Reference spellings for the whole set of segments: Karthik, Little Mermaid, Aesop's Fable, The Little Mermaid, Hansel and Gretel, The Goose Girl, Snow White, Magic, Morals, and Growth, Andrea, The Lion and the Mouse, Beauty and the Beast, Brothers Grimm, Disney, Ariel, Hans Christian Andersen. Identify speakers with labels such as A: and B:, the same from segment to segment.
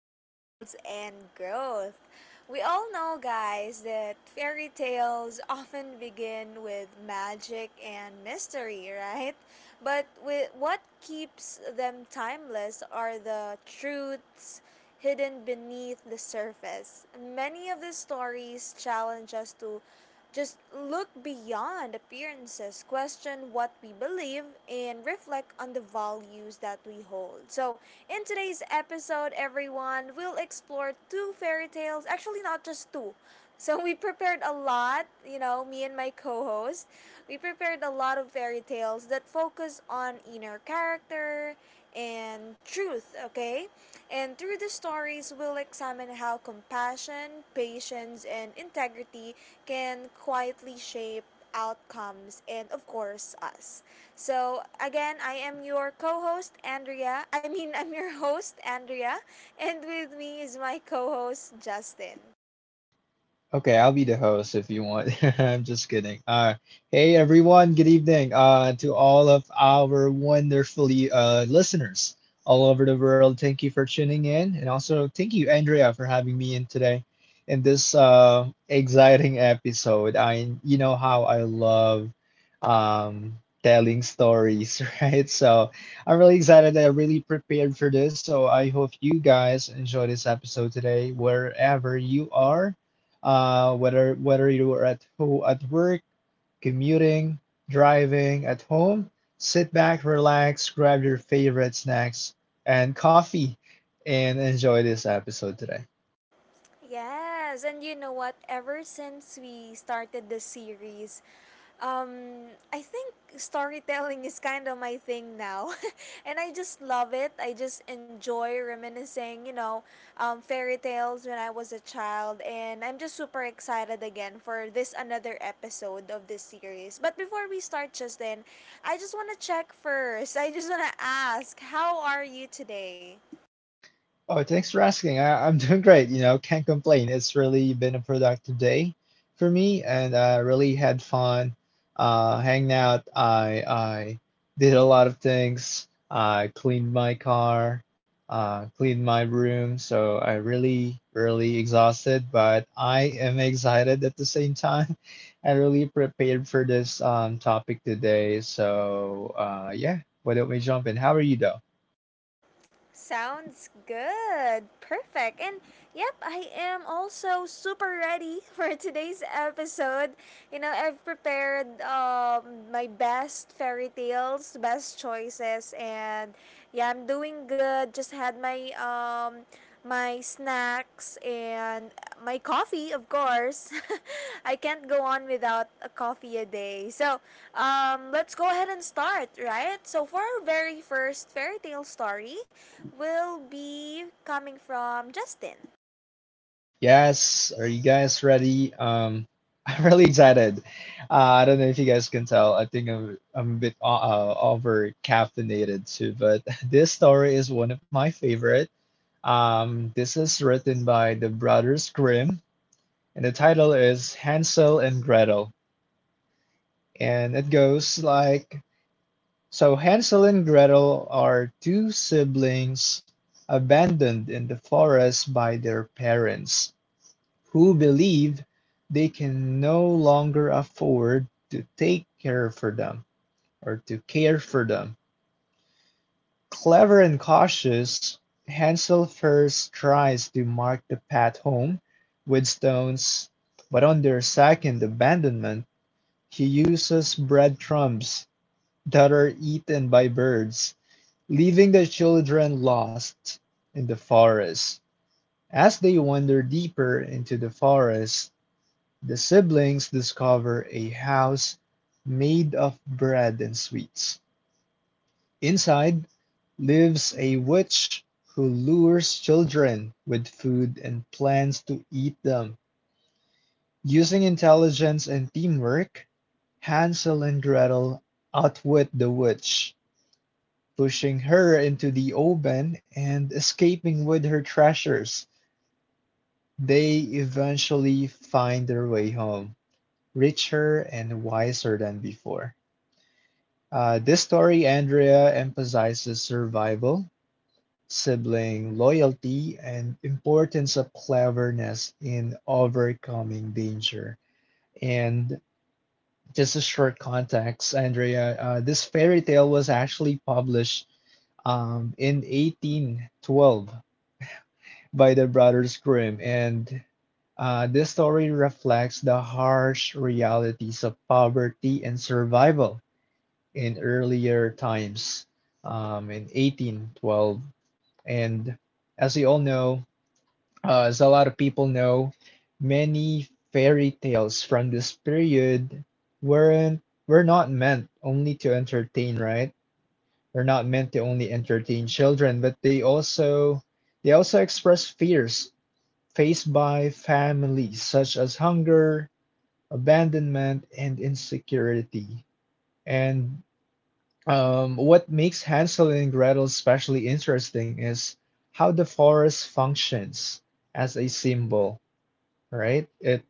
A: Morals, and Growth. We all know, guys, that fairy tales often begin with magic and mystery, right? What keeps them timeless are the truths hidden beneath the surface. Many of the stories challenge us to just look beyond appearances, question what we believe, and reflect on the values that we hold. So, in today's episode, everyone, we'll explore two fairy tales, actually, not just two. So, we prepared a lot, me and my co host. We prepared a lot of fairy tales that focus on inner character and truth, okay? And through these stories, we'll examine how compassion, patience, and integrity can quietly shape outcomes and, of course, us. So again, I am your co-host Andrea. I mean, I'm your host Andrea, and with me is my co-host Justin.
B: Okay, I'll be the host if you want. I'm just kidding. Hey everyone, good evening. To all of our wonderfully listeners all over the world, thank you for tuning in, and also thank you, Andrea, for having me in today in this exciting episode. I, you know how I love um, telling stories, right? So I'm really excited. That I really prepared for this. So I hope you guys enjoy this episode today, wherever you are, whether you are at at work, commuting, driving, at home, sit back, relax, grab your favorite snacks and coffee, and enjoy this episode today.
A: Yes, and you know what? Ever since we started the series, I think storytelling is kind of my thing now, and I just love it. I just enjoy reminiscing, you know, fairy tales when I was a child, and I'm just super excited again for this another episode of this series. But before we start, Justin, I just want to check first. I just want to ask, how are you today?
B: Oh, thanks for asking. I'm doing great. You know, can't complain. It's really been a productive day for me, and I really had fun hanging out. I did a lot of things. I cleaned my car, cleaned my room. So I really, really exhausted, but I am excited at the same time. I really prepared for this topic today. So yeah, why don't we jump in? How are you, though?
A: Sounds good. Perfect. And yep, I am also super ready for today's episode. You know, I've prepared my best fairy tales, best choices, and yeah, I'm doing good. Just had my my snacks and my coffee, of course. I can't go on without a coffee a day. So, let's go ahead and start, right? So, for our very first fairy tale story, will be coming from Justin.
B: Yes, are you guys ready? I'm really excited. Uh, I don't know if you guys can tell. I think I'm a bit over caffeinated too, but this story is one of my favorite. This is written by the Brothers Grimm, and the title is Hansel and Gretel. And it goes like, so Hansel and Gretel are two siblings abandoned in the forest by their parents who believe they can no longer afford to take care for them or to care for them. Clever and cautious, Hansel first tries to mark the path home with stones, but on their second abandonment, he uses breadcrumbs that are eaten by birds, leaving the children lost in the forest. As they wander deeper into the forest, the siblings discover a house made of bread and sweets. Inside lives a witch who lures children with food and plans to eat them. Using intelligence and teamwork, Hansel and Gretel outwit the witch, pushing her into the oven and escaping with her treasures. They eventually find their way home, richer and wiser than before. This story, Andrea, emphasizes survival, sibling loyalty, and importance of cleverness in overcoming danger. And just a short context, Andrea, this fairy tale was actually published in 1812 by the Brothers Grimm, and this story reflects the harsh realities of poverty and survival in earlier times, in 1812. And as we all know, as a lot of people know, many fairy tales from this period weren't were not meant only to entertain, right? They're not meant to only entertain children, but they also express fears faced by families such as hunger, abandonment, and insecurity. And what makes Hansel and Gretel especially interesting is how the forest functions as a symbol, right? It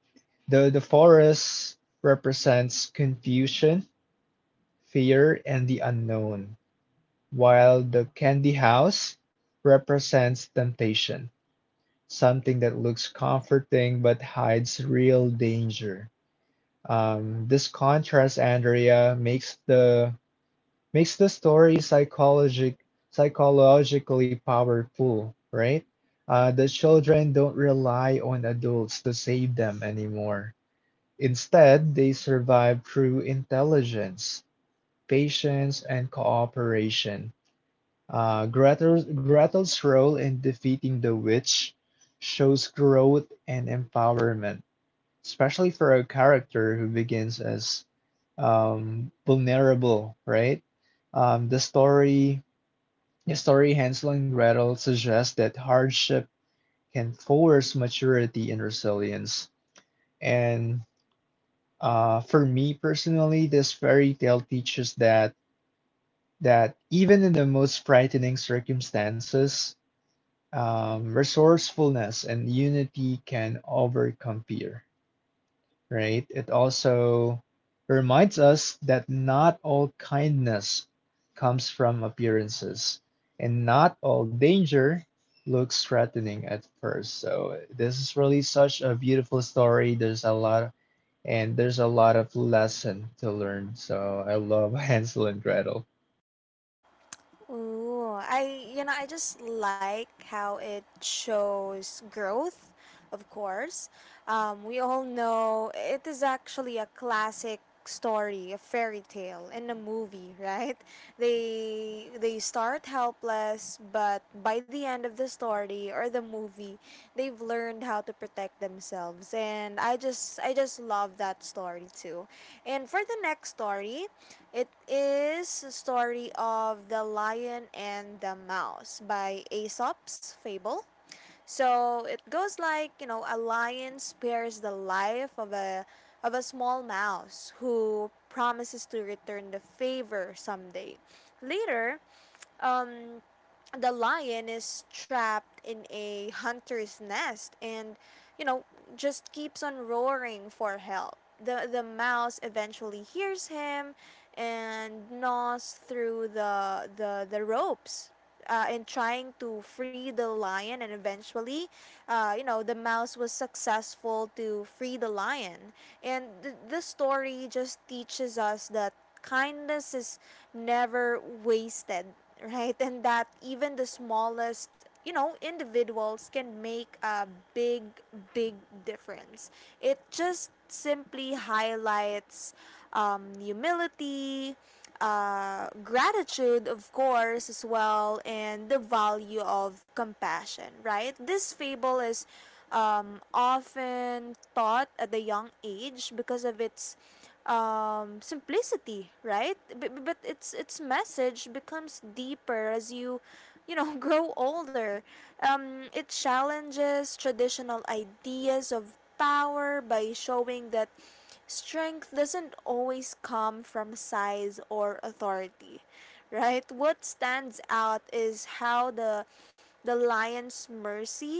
B: The forest represents confusion, fear, and the unknown, while the candy house represents temptation, something that looks comforting but hides real danger. This contrast, Andrea, makes the story psychologically powerful, right? The children don't rely on adults to save them anymore. Instead, they survive through intelligence, patience, and cooperation. Gretel's role in defeating the witch shows growth and empowerment, especially for a character who begins as vulnerable, right? Um, the story the story Hansel and Gretel suggests that hardship can force maturity and resilience. And for me personally, this fairy tale teaches that even in the most frightening circumstances, resourcefulness and unity can overcome fear. Right? It also reminds us that not all kindness comes from appearances, and not all danger looks threatening at first. So this is really such a beautiful story. There's a lot of, and there's a lot of lesson to learn. So I love Hansel and Gretel.
A: Ooh, I I just like how it shows growth, of course. We all know it is actually a classic story, a fairy tale in a movie, right? They start helpless, but by the end of the story or the movie, they've learned how to protect themselves. And I just love that story too. And for the next story, it is a story of The Lion and the Mouse by Aesop's Fable. So it goes like, you know, a lion spares the life of a small mouse who promises to return the favor someday. Later, um, the lion is trapped in a hunter's nest and, you know, just keeps on roaring for help. The mouse eventually hears him and gnaws through the ropes, in trying to free the lion, and eventually, you know, the mouse was successful to free the lion, and the story just teaches us that kindness is never wasted, right? And that even the smallest, you know, individuals can make a big, big difference. It just simply highlights humility, gratitude, of course, as well, and the value of compassion, right? This fable is often taught at a young age because of its simplicity, right? But its message becomes deeper as you, you know, grow older. It challenges traditional ideas of power by showing that strength doesn't always come from size or authority, right? What stands out is how the lion's mercy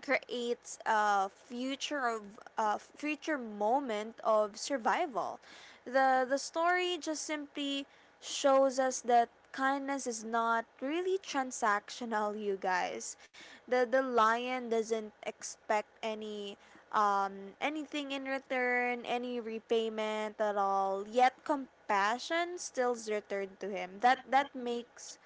A: creates a future moment of survival. The story just simply shows us that kindness is not really transactional, you guys. The lion doesn't expect any anything in return, any repayment at all. Yet compassion stills returned to him. That makes,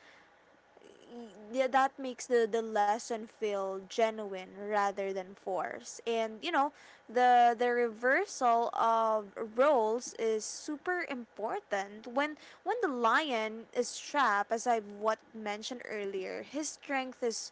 A: yeah, that makes the lesson feel genuine rather than forced. And you know, the reversal of roles is super important. When the lion is trapped, as I've what mentioned earlier, his strength is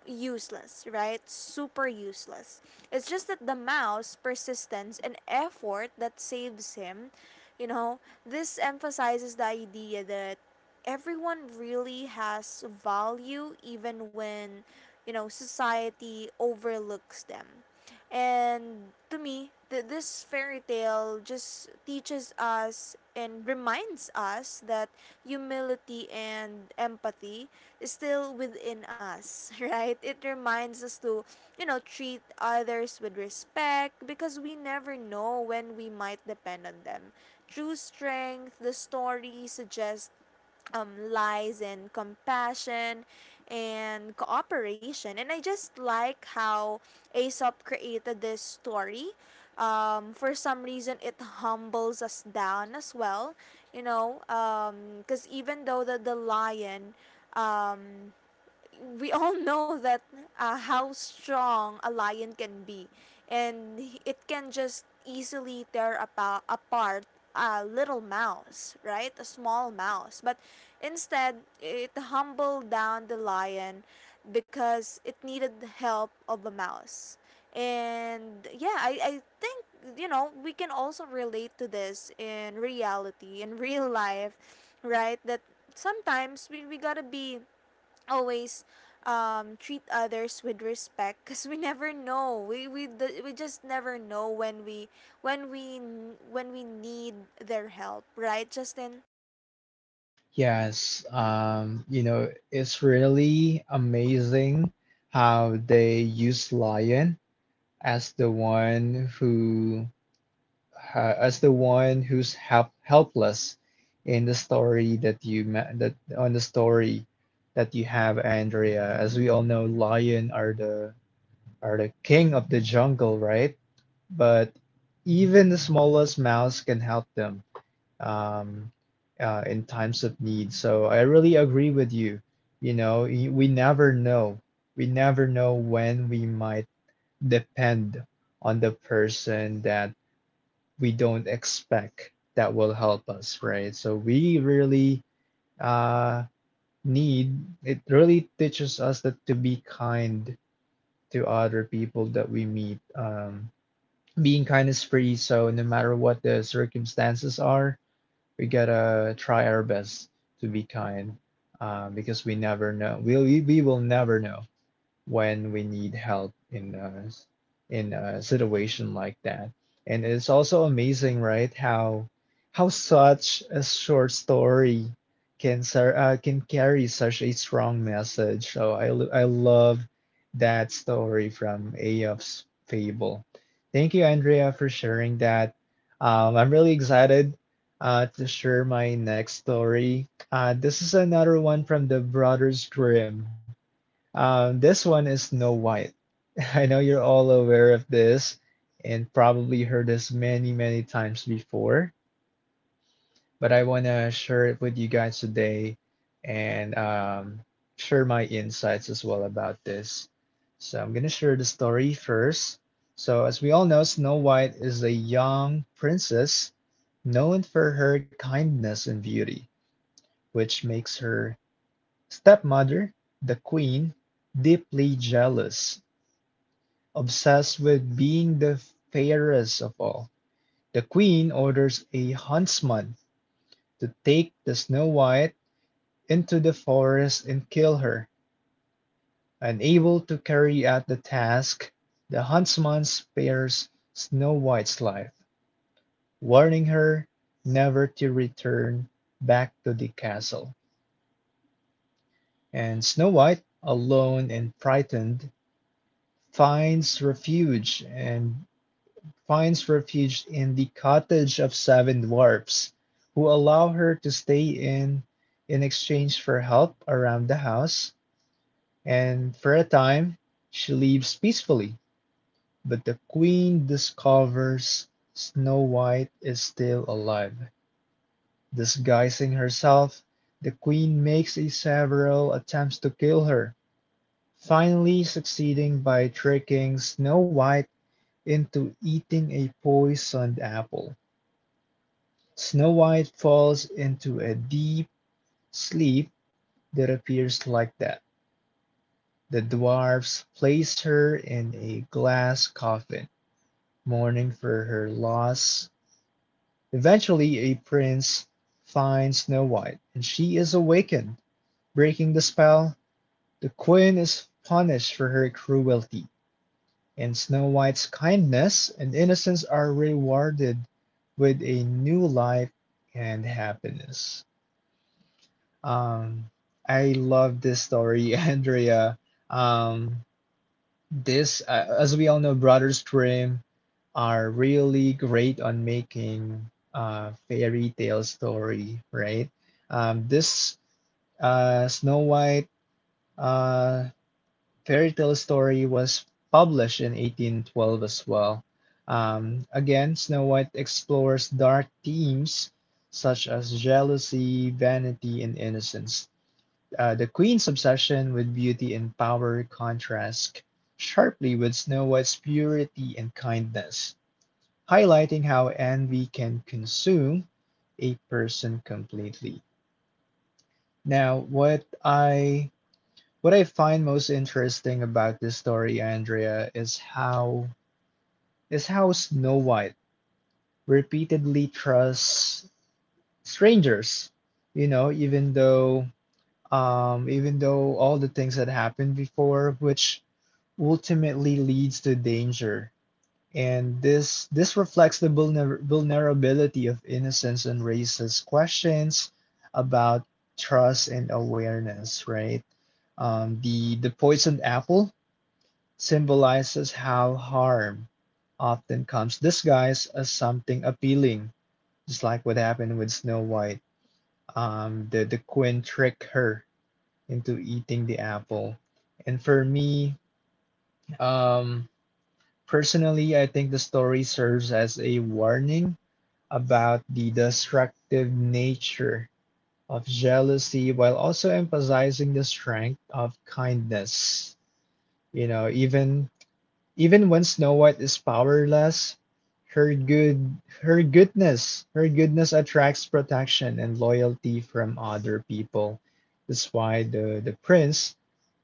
A: useless, right? Super useless. It's just that the mouse persistence and effort that saves him, you know, this emphasizes the idea that everyone really has value even when, you know, society overlooks them. And to me, this fairy tale just teaches us and reminds us that humility and empathy is still within us, right? It reminds us to, you know, treat others with respect because we never know when we might depend on them. True strength, the story suggests, lies and compassion and cooperation. And I just like how Aesop created this story. For some reason, it humbles us down as well, you know, because, even though the lion, um, we all know that, how strong a lion can be and it can just easily tear apart a little mouse, right, a small mouse, but instead it humbled down the lion because it needed the help of a mouse. And yeah, I think, you know, we can also relate to this in reality, in real life, right? That sometimes we gotta be always treat others with respect because we never know we just never know when when we need their help, right, Justin?
B: Yes, you know, it's really amazing how they use lion as the one who as the one who's help helpless in the story that on the story that you have, Andrea. As we all know, lion are the king of the jungle, right? But even the smallest mouse can help them um, in times of need. So I really agree with you. You know, we never know. We never know when we might depend on the person that we don't expect that will help us, right? So we really uh, need it really teaches us that to be kind to other people that we meet. Being kind is free, so no matter what the circumstances are, we gotta try our best to be kind because we never know. We will never know when we need help in in a situation like that. And it's also amazing, right, how such a short story can can carry such a strong message. So I I love that story from Aesop's Fable. Thank you, Andrea, for sharing that. I'm really excited to share my next story. This is another one from the Brothers Grimm. This one is Snow White. I know you're all aware of this and probably heard this many, many times before, but I want to share it with you guys today and share my insights as well about this. So I'm going to share the story first. So, as we all know, Snow White is a young princess known for her kindness and beauty, which makes her stepmother, the queen, deeply jealous. Obsessed with being the fairest of all, the queen orders a huntsman to take the Snow White into the forest and kill her. Unable to carry out the task, the huntsman spares Snow White's life, warning her never to return back to the castle. And Snow White, alone and frightened, finds refuge and finds refuge in the cottage of seven dwarfs, who allow her to stay in exchange for help around the house, and for a time she leaves peacefully. But the queen discovers Snow White is still alive. Disguising herself, the queen makes a several attempts to kill her, finally succeeding by tricking Snow White into eating a poisoned apple. Snow White falls into a deep sleep that appears like that. The dwarfs place her in a glass coffin, mourning for her loss. Eventually, a prince finds Snow White, and she is awakened. Breaking the spell, the queen is punished for her cruelty, and Snow White's kindness and innocence are rewarded with a new life and happiness. Um, I love this story, Andrea. Um, this, as we all know, Brothers Grimm are really great on making fairy tale story, right? This Snow White uh, fairy tale story was published in 1812 as well. Again, Snow White explores dark themes such as jealousy, vanity, and innocence. The queen's obsession with beauty and power contrasts sharply with Snow White's purity and kindness, highlighting how envy can consume a person completely. Now, what I find most interesting about this story, Andrea, is how Snow White repeatedly trusts strangers. You know, even though all the things that happened before, which ultimately leads to danger. And this reflects the vulnerability of innocence and raises questions about trust and awareness, right? The poisoned apple symbolizes how harm often comes disguised as something appealing, just like what happened with Snow White. The Queen tricked her into eating the apple, and for me, um, personally, I think the story serves as a warning about the destructive nature of jealousy while also emphasizing the strength of kindness. You know, even when Snow White is powerless, her good her goodness attracts protection and loyalty from other people. That's why the prince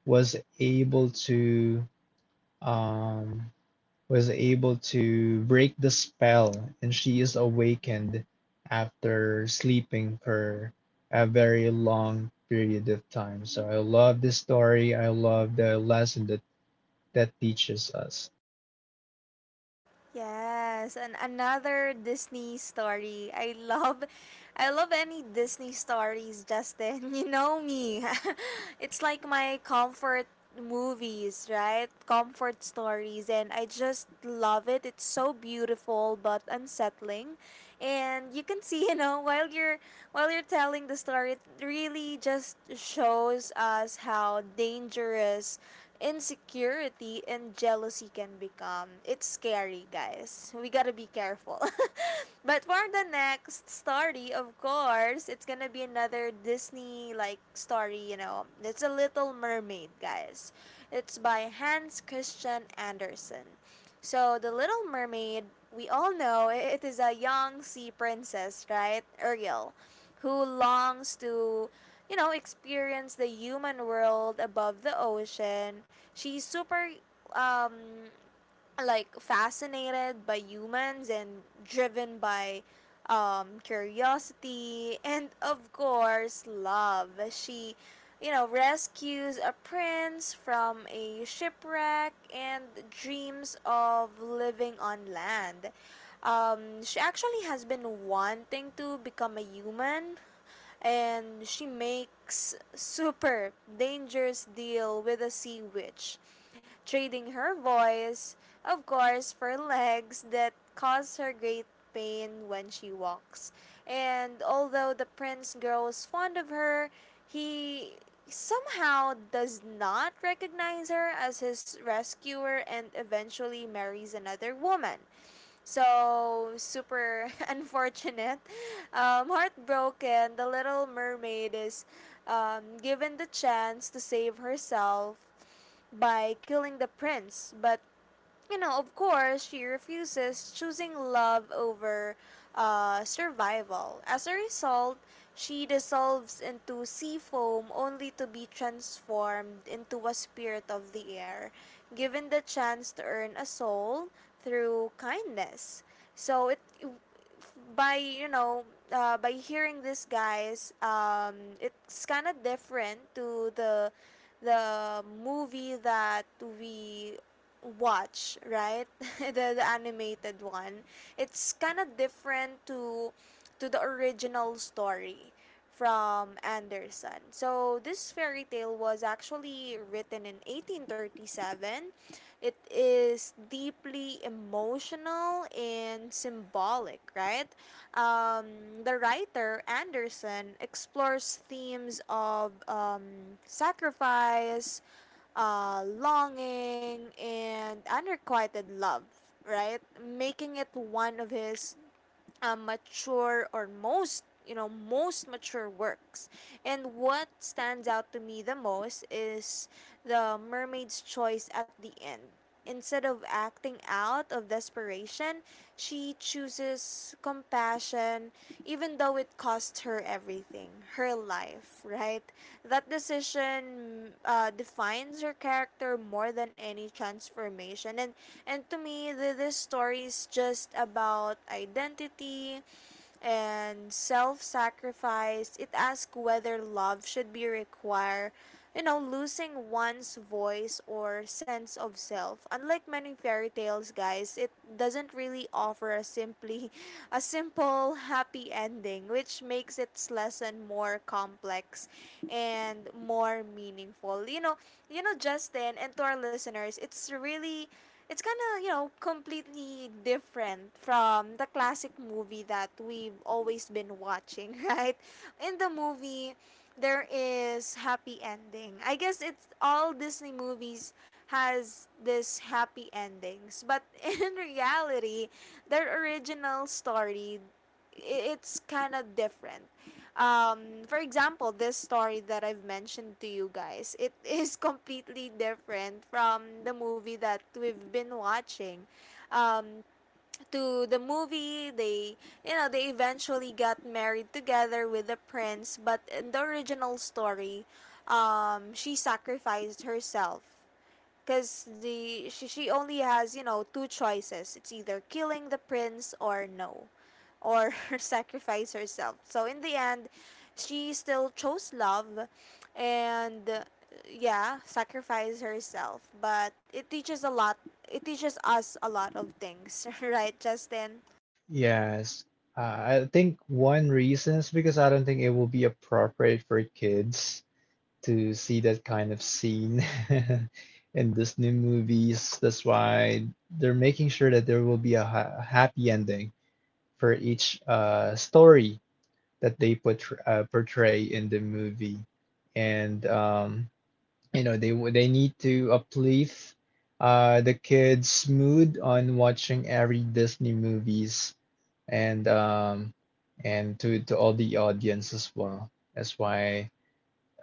B: was able to um was able to break the spell and she is awakened after sleeping for a very long period of time. So I love this story. I love the lesson that teaches us.
A: Yes, and another Disney story. I love any Disney stories, Justin. You know me. It's like my comfort movies, right? Comfort stories, and I just love it. It's so beautiful but unsettling. And you can see, you know, while you're telling the story, it really just shows us how dangerous insecurity and jealousy can become. It's scary, guys. We gotta be careful. But for the next story, of course, it's gonna be another Disney like story, you know. It's a Little Mermaid, guys. It's by Hans Christian Andersen. So, The Little Mermaid, we all know it is a young sea princess, right? Ariel, who longs to, you know, experience the human world above the ocean. She's super um like fascinated by humans and driven by curiosity and, of course, love. She, you know, rescues a prince from a shipwreck and dreams of living on land. Um, she actually has been wanting to become a human, and she makes super dangerous deal with a sea witch, trading her voice, of course, for legs that cause her great pain when she walks. And although the prince grows fond of her, he somehow does not recognize her as his rescuer and eventually marries another woman. So super unfortunate, heartbroken. The Little Mermaid is given the chance to save herself by killing the prince, but, you know, of course, she refuses, choosing love over, survival. As a result, she dissolves into sea foam, only to be transformed into a spirit of the air, given the chance to earn a soul through kindness. So it, by you know by hearing this, guys, it's kind of different to the movie that we watch, right? The animated one. It's kind of different to the original story from Anderson. So this fairy tale was actually written in 1837. It is deeply emotional and symbolic, right? The writer, Anderson, explores themes of, sacrifice, longing, and unrequited love, right? Making it one of his mature or most, you know, most mature works. And what stands out to me the most is the mermaid's choice at the end. Instead of acting out of desperation, she chooses compassion even though it cost her everything, her life, right? That decision, defines her character more than any transformation. And to me, this story is just about identity and self sacrifice. It asks whether love should be required, you know, losing one's voice or sense of self. Unlike many fairy tales, guys, it doesn't really offer a simply a simple happy ending, which makes its lesson more complex and more meaningful. Justin, and to our listeners, it's really, it's kind of, you know, completely different from the classic movie that we've always been watching, right? In the movie, there is happy ending. I guess it's all Disney movies has this happy endings, but in reality, their original story, it's kind of different. Um, for example, this story that I've mentioned to you guys, it is completely different from the movie that we've been watching. Um, to the movie, they, you know, they eventually got married together with the prince, but in the original story, she sacrificed herself because the she only has, you know, two choices. It's either killing the prince or no, or sacrifice herself. So in the end, she still chose love and, yeah, sacrifice herself. But it teaches a lot. It teaches us a lot of things, right, Justin?
B: Yes. I think one reason is because I don't think it will be appropriate for kids to see that kind of scene in Disney movies. That's why they're making sure that there will be a ha happy ending for each story that they put, portray in the movie. And you know they need to uplift the kids' mood on watching every Disney movies and um, and to all the audience as well. That's why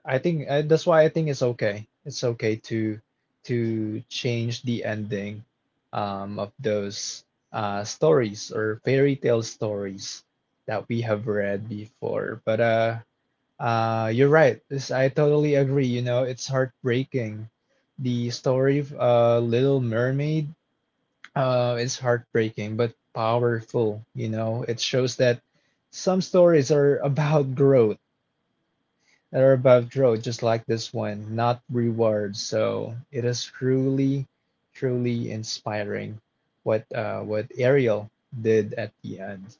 B: I think that's why I think it's okay. It's okay to change the ending of those stories or fairy tale stories that we have read before. But you're right. This I totally agree. You know, it's heartbreaking. The story of Little Mermaid is heartbreaking but powerful. You know, it shows that some stories are about growth that are above road, just like this one, not rewards. So it is truly, truly inspiring what Ariel did at the end.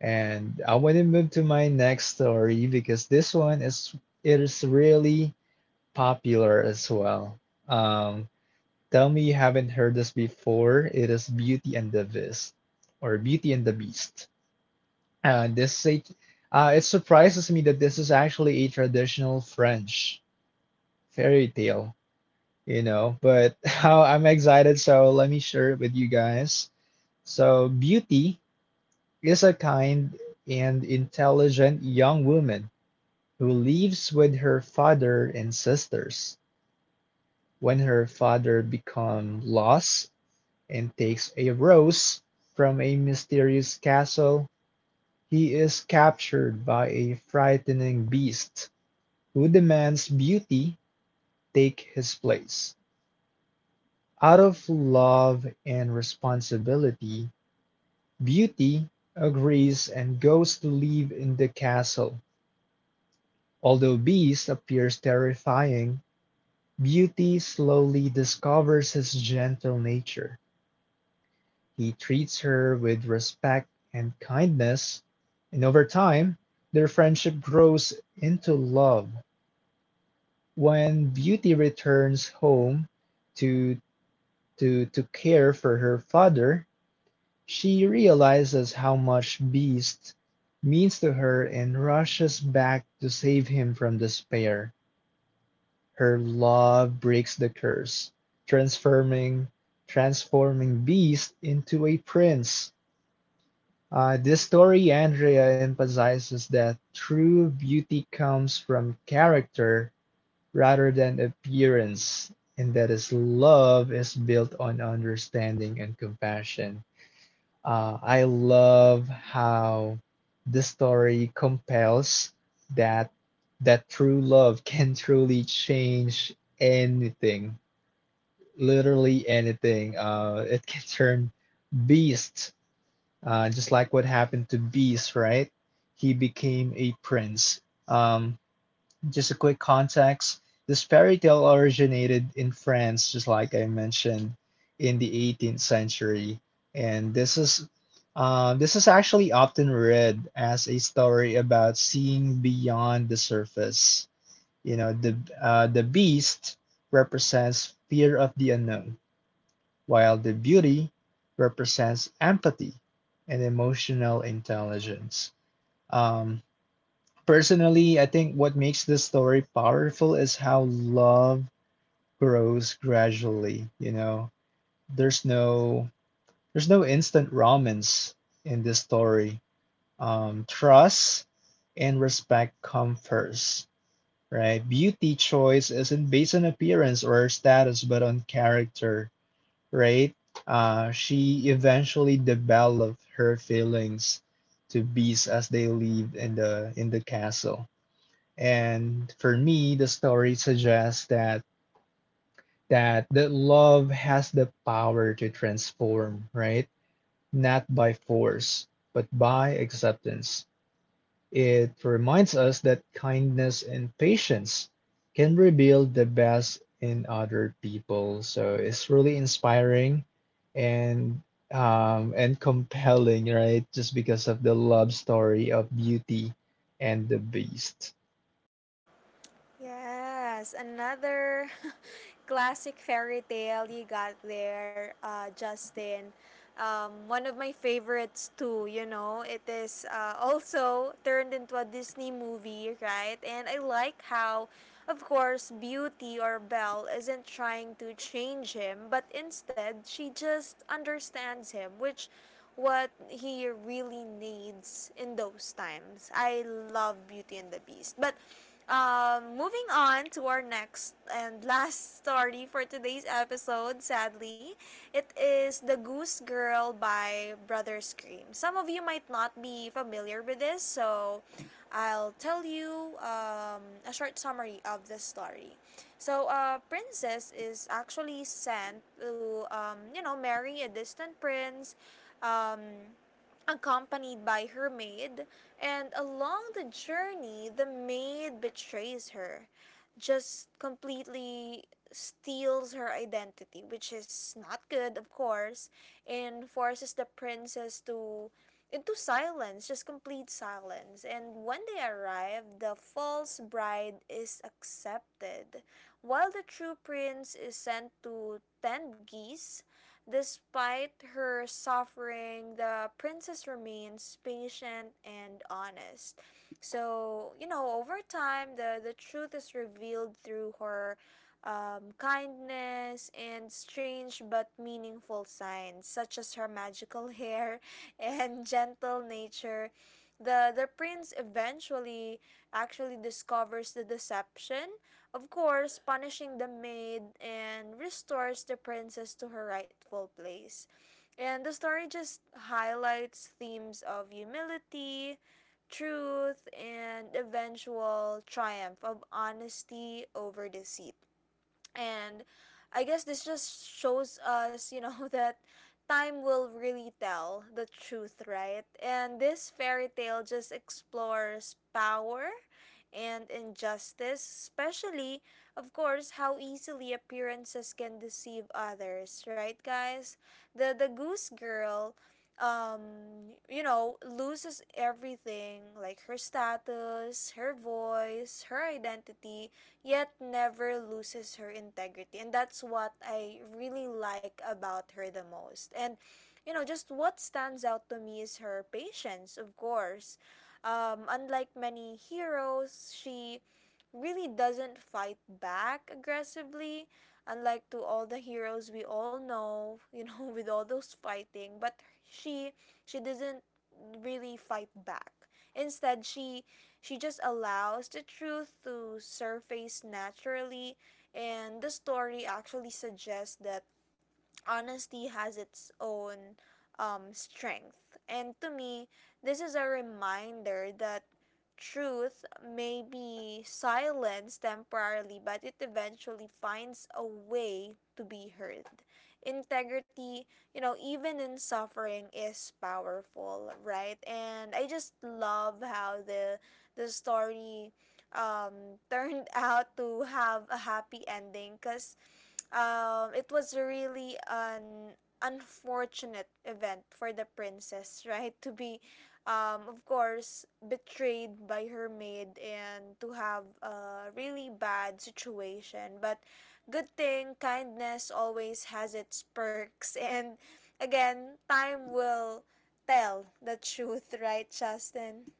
B: And I want to move to my next story because this one, is really popular as well. Um, Tell me you haven't heard this before. It is Beauty and the Beast or Beauty and the Beast. This is It surprises me that this is actually a traditional French fairy tale, you know. But how I'm excited, so let me share it with you guys. So, Beauty is a kind and intelligent young woman who lives with her father and sisters. When her father becomes lost and takes a rose from a mysterious castle, he is captured by a frightening beast who demands Beauty take his place. Out of love and responsibility, Beauty agrees and goes to live in the castle. Although Beast appears terrifying, Beauty slowly discovers his gentle nature. He treats her with respect and kindness, and over time, their friendship grows into love. When Beauty returns home to, to care for her father, she realizes how much Beast means to her and rushes back to save him from despair. Her love breaks the curse, transforming transforming Beast into a prince. This story, Andrea, emphasizes that true beauty comes from character rather than appearance, and that is love is built on understanding and compassion. I love how the story compels that that true love can truly change anything, literally anything. It can turn beast, just like what happened to Beast, right? He became a prince. Um, just a quick context. This fairy tale originated in France, just like I mentioned, in the 18th century, and this is actually often read as a story about seeing beyond the surface. You know, the beast represents fear of the unknown, while the beauty represents empathy and emotional intelligence. Um, Personally, I think what makes this story powerful is how love grows gradually, you know. There's no there's no instant romance in this story. Trust and respect come first, right? Beauty choice isn't based on appearance or status, but on character, right? She eventually developed her feelings to beasts as they lived in the castle. And for me, the story suggests that the love has the power to transform, right? Not by force, but by acceptance. It reminds us that kindness and patience can reveal the best in other people. So it's really inspiring and and compelling, right? Just because of the love story of Beauty and the Beast.
A: Yes, another classic fairy tale you got there, Justin. One of my favorites too. You know, it is, also turned into a Disney movie, right? And I like how, of course, Beauty or Belle isn't trying to change him, but instead she just understands him, which what he really needs in those times. I love Beauty and the Beast, but moving on to our next and last story for today's episode, sadly, it is The Goose Girl by Brother Scream. Some of you might not be familiar with this, so I'll tell you a short summary of the story. Princess is actually sent to, marry a distant prince. Um, Accompanied by her maid, and along the journey, the maid betrays her, just completely steals her identity, which is not good, of course, and forces the princess to into silence, just complete silence. And when they arrive, the false bride is accepted, while the true prince is sent to tend geese. Despite her suffering, the princess remains patient and honest. So, over time, the truth is revealed through her kindness and strange but meaningful signs, such as her magical hair and gentle nature. The prince eventually actually discovers the deception, of course, punishing the maid and restores the princess to her rightful place. And the story just highlights themes of humility, truth, and eventual triumph of honesty over deceit. And I guess this just shows us, that time will really tell the truth, right? And this fairy tale just explores power and injustice, especially, of course, how easily appearances can deceive others, right, guys? The goose girl, um, loses everything, like her status, her voice, her identity, yet never loses her integrity, and that's what I really like about her the most. And just what stands out to me is her patience, of course. Unlike many heroes, she really doesn't fight back aggressively, unlike to all the heroes we all know, with all those fighting. But she she doesn't really fight back. Instead, she just allows the truth to surface naturally, and the story actually suggests that honesty has its own strength. And to me, this is a reminder that truth may be silenced temporarily, but it eventually finds a way to be heard. Integrity, even in suffering, is powerful, right? And I just love how the story turned out to have a happy ending because it was really an unfortunate event for the princess, right? To be, of course, betrayed by her maid and to have a really bad situation. But good thing kindness always has its perks, and again, time will tell the truth, right, Justin?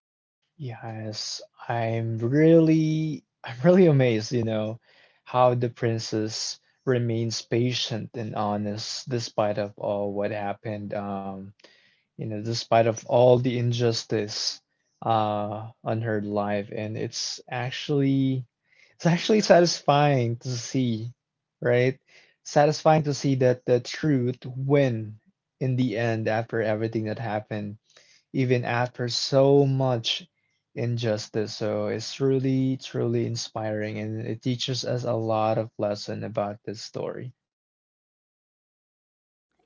B: Yes, I'm really I'm really amazed, you know, how the princess remains patient and honest despite of all what happened, you know, despite of all the injustice on her life. And it's actually satisfying to see, right? Satisfying to see that the truth win in the end after everything that happened even after so much injustice. So it's truly, truly inspiring, and it teaches us a lot of lesson about this story.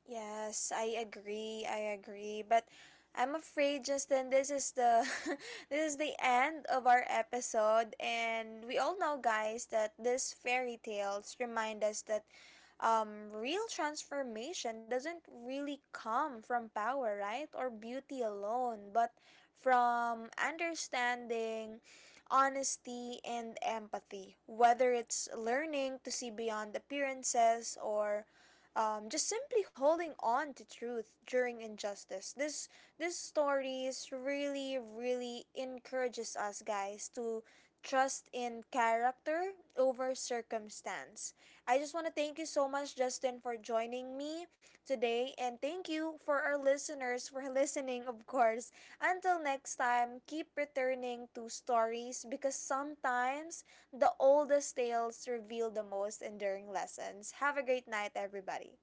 A: Yes, I agree. I agree. But I'm afraid, Justin, this is the this is the end of our episode, and we all know, guys, that these fairy tales remind us that real transformation doesn't really come from power, right? Or beauty alone, but from understanding, honesty, and empathy. Whether it's learning to see beyond appearances or just simply holding on to truth during injustice. This stories really really encourages us guys to trust in character over circumstance. I just want to thank you so much, Justin, for joining me today. And thank you for our listeners for listening, of course. Until next time, keep returning to stories because sometimes the oldest tales reveal the most enduring lessons. Have a great night, everybody.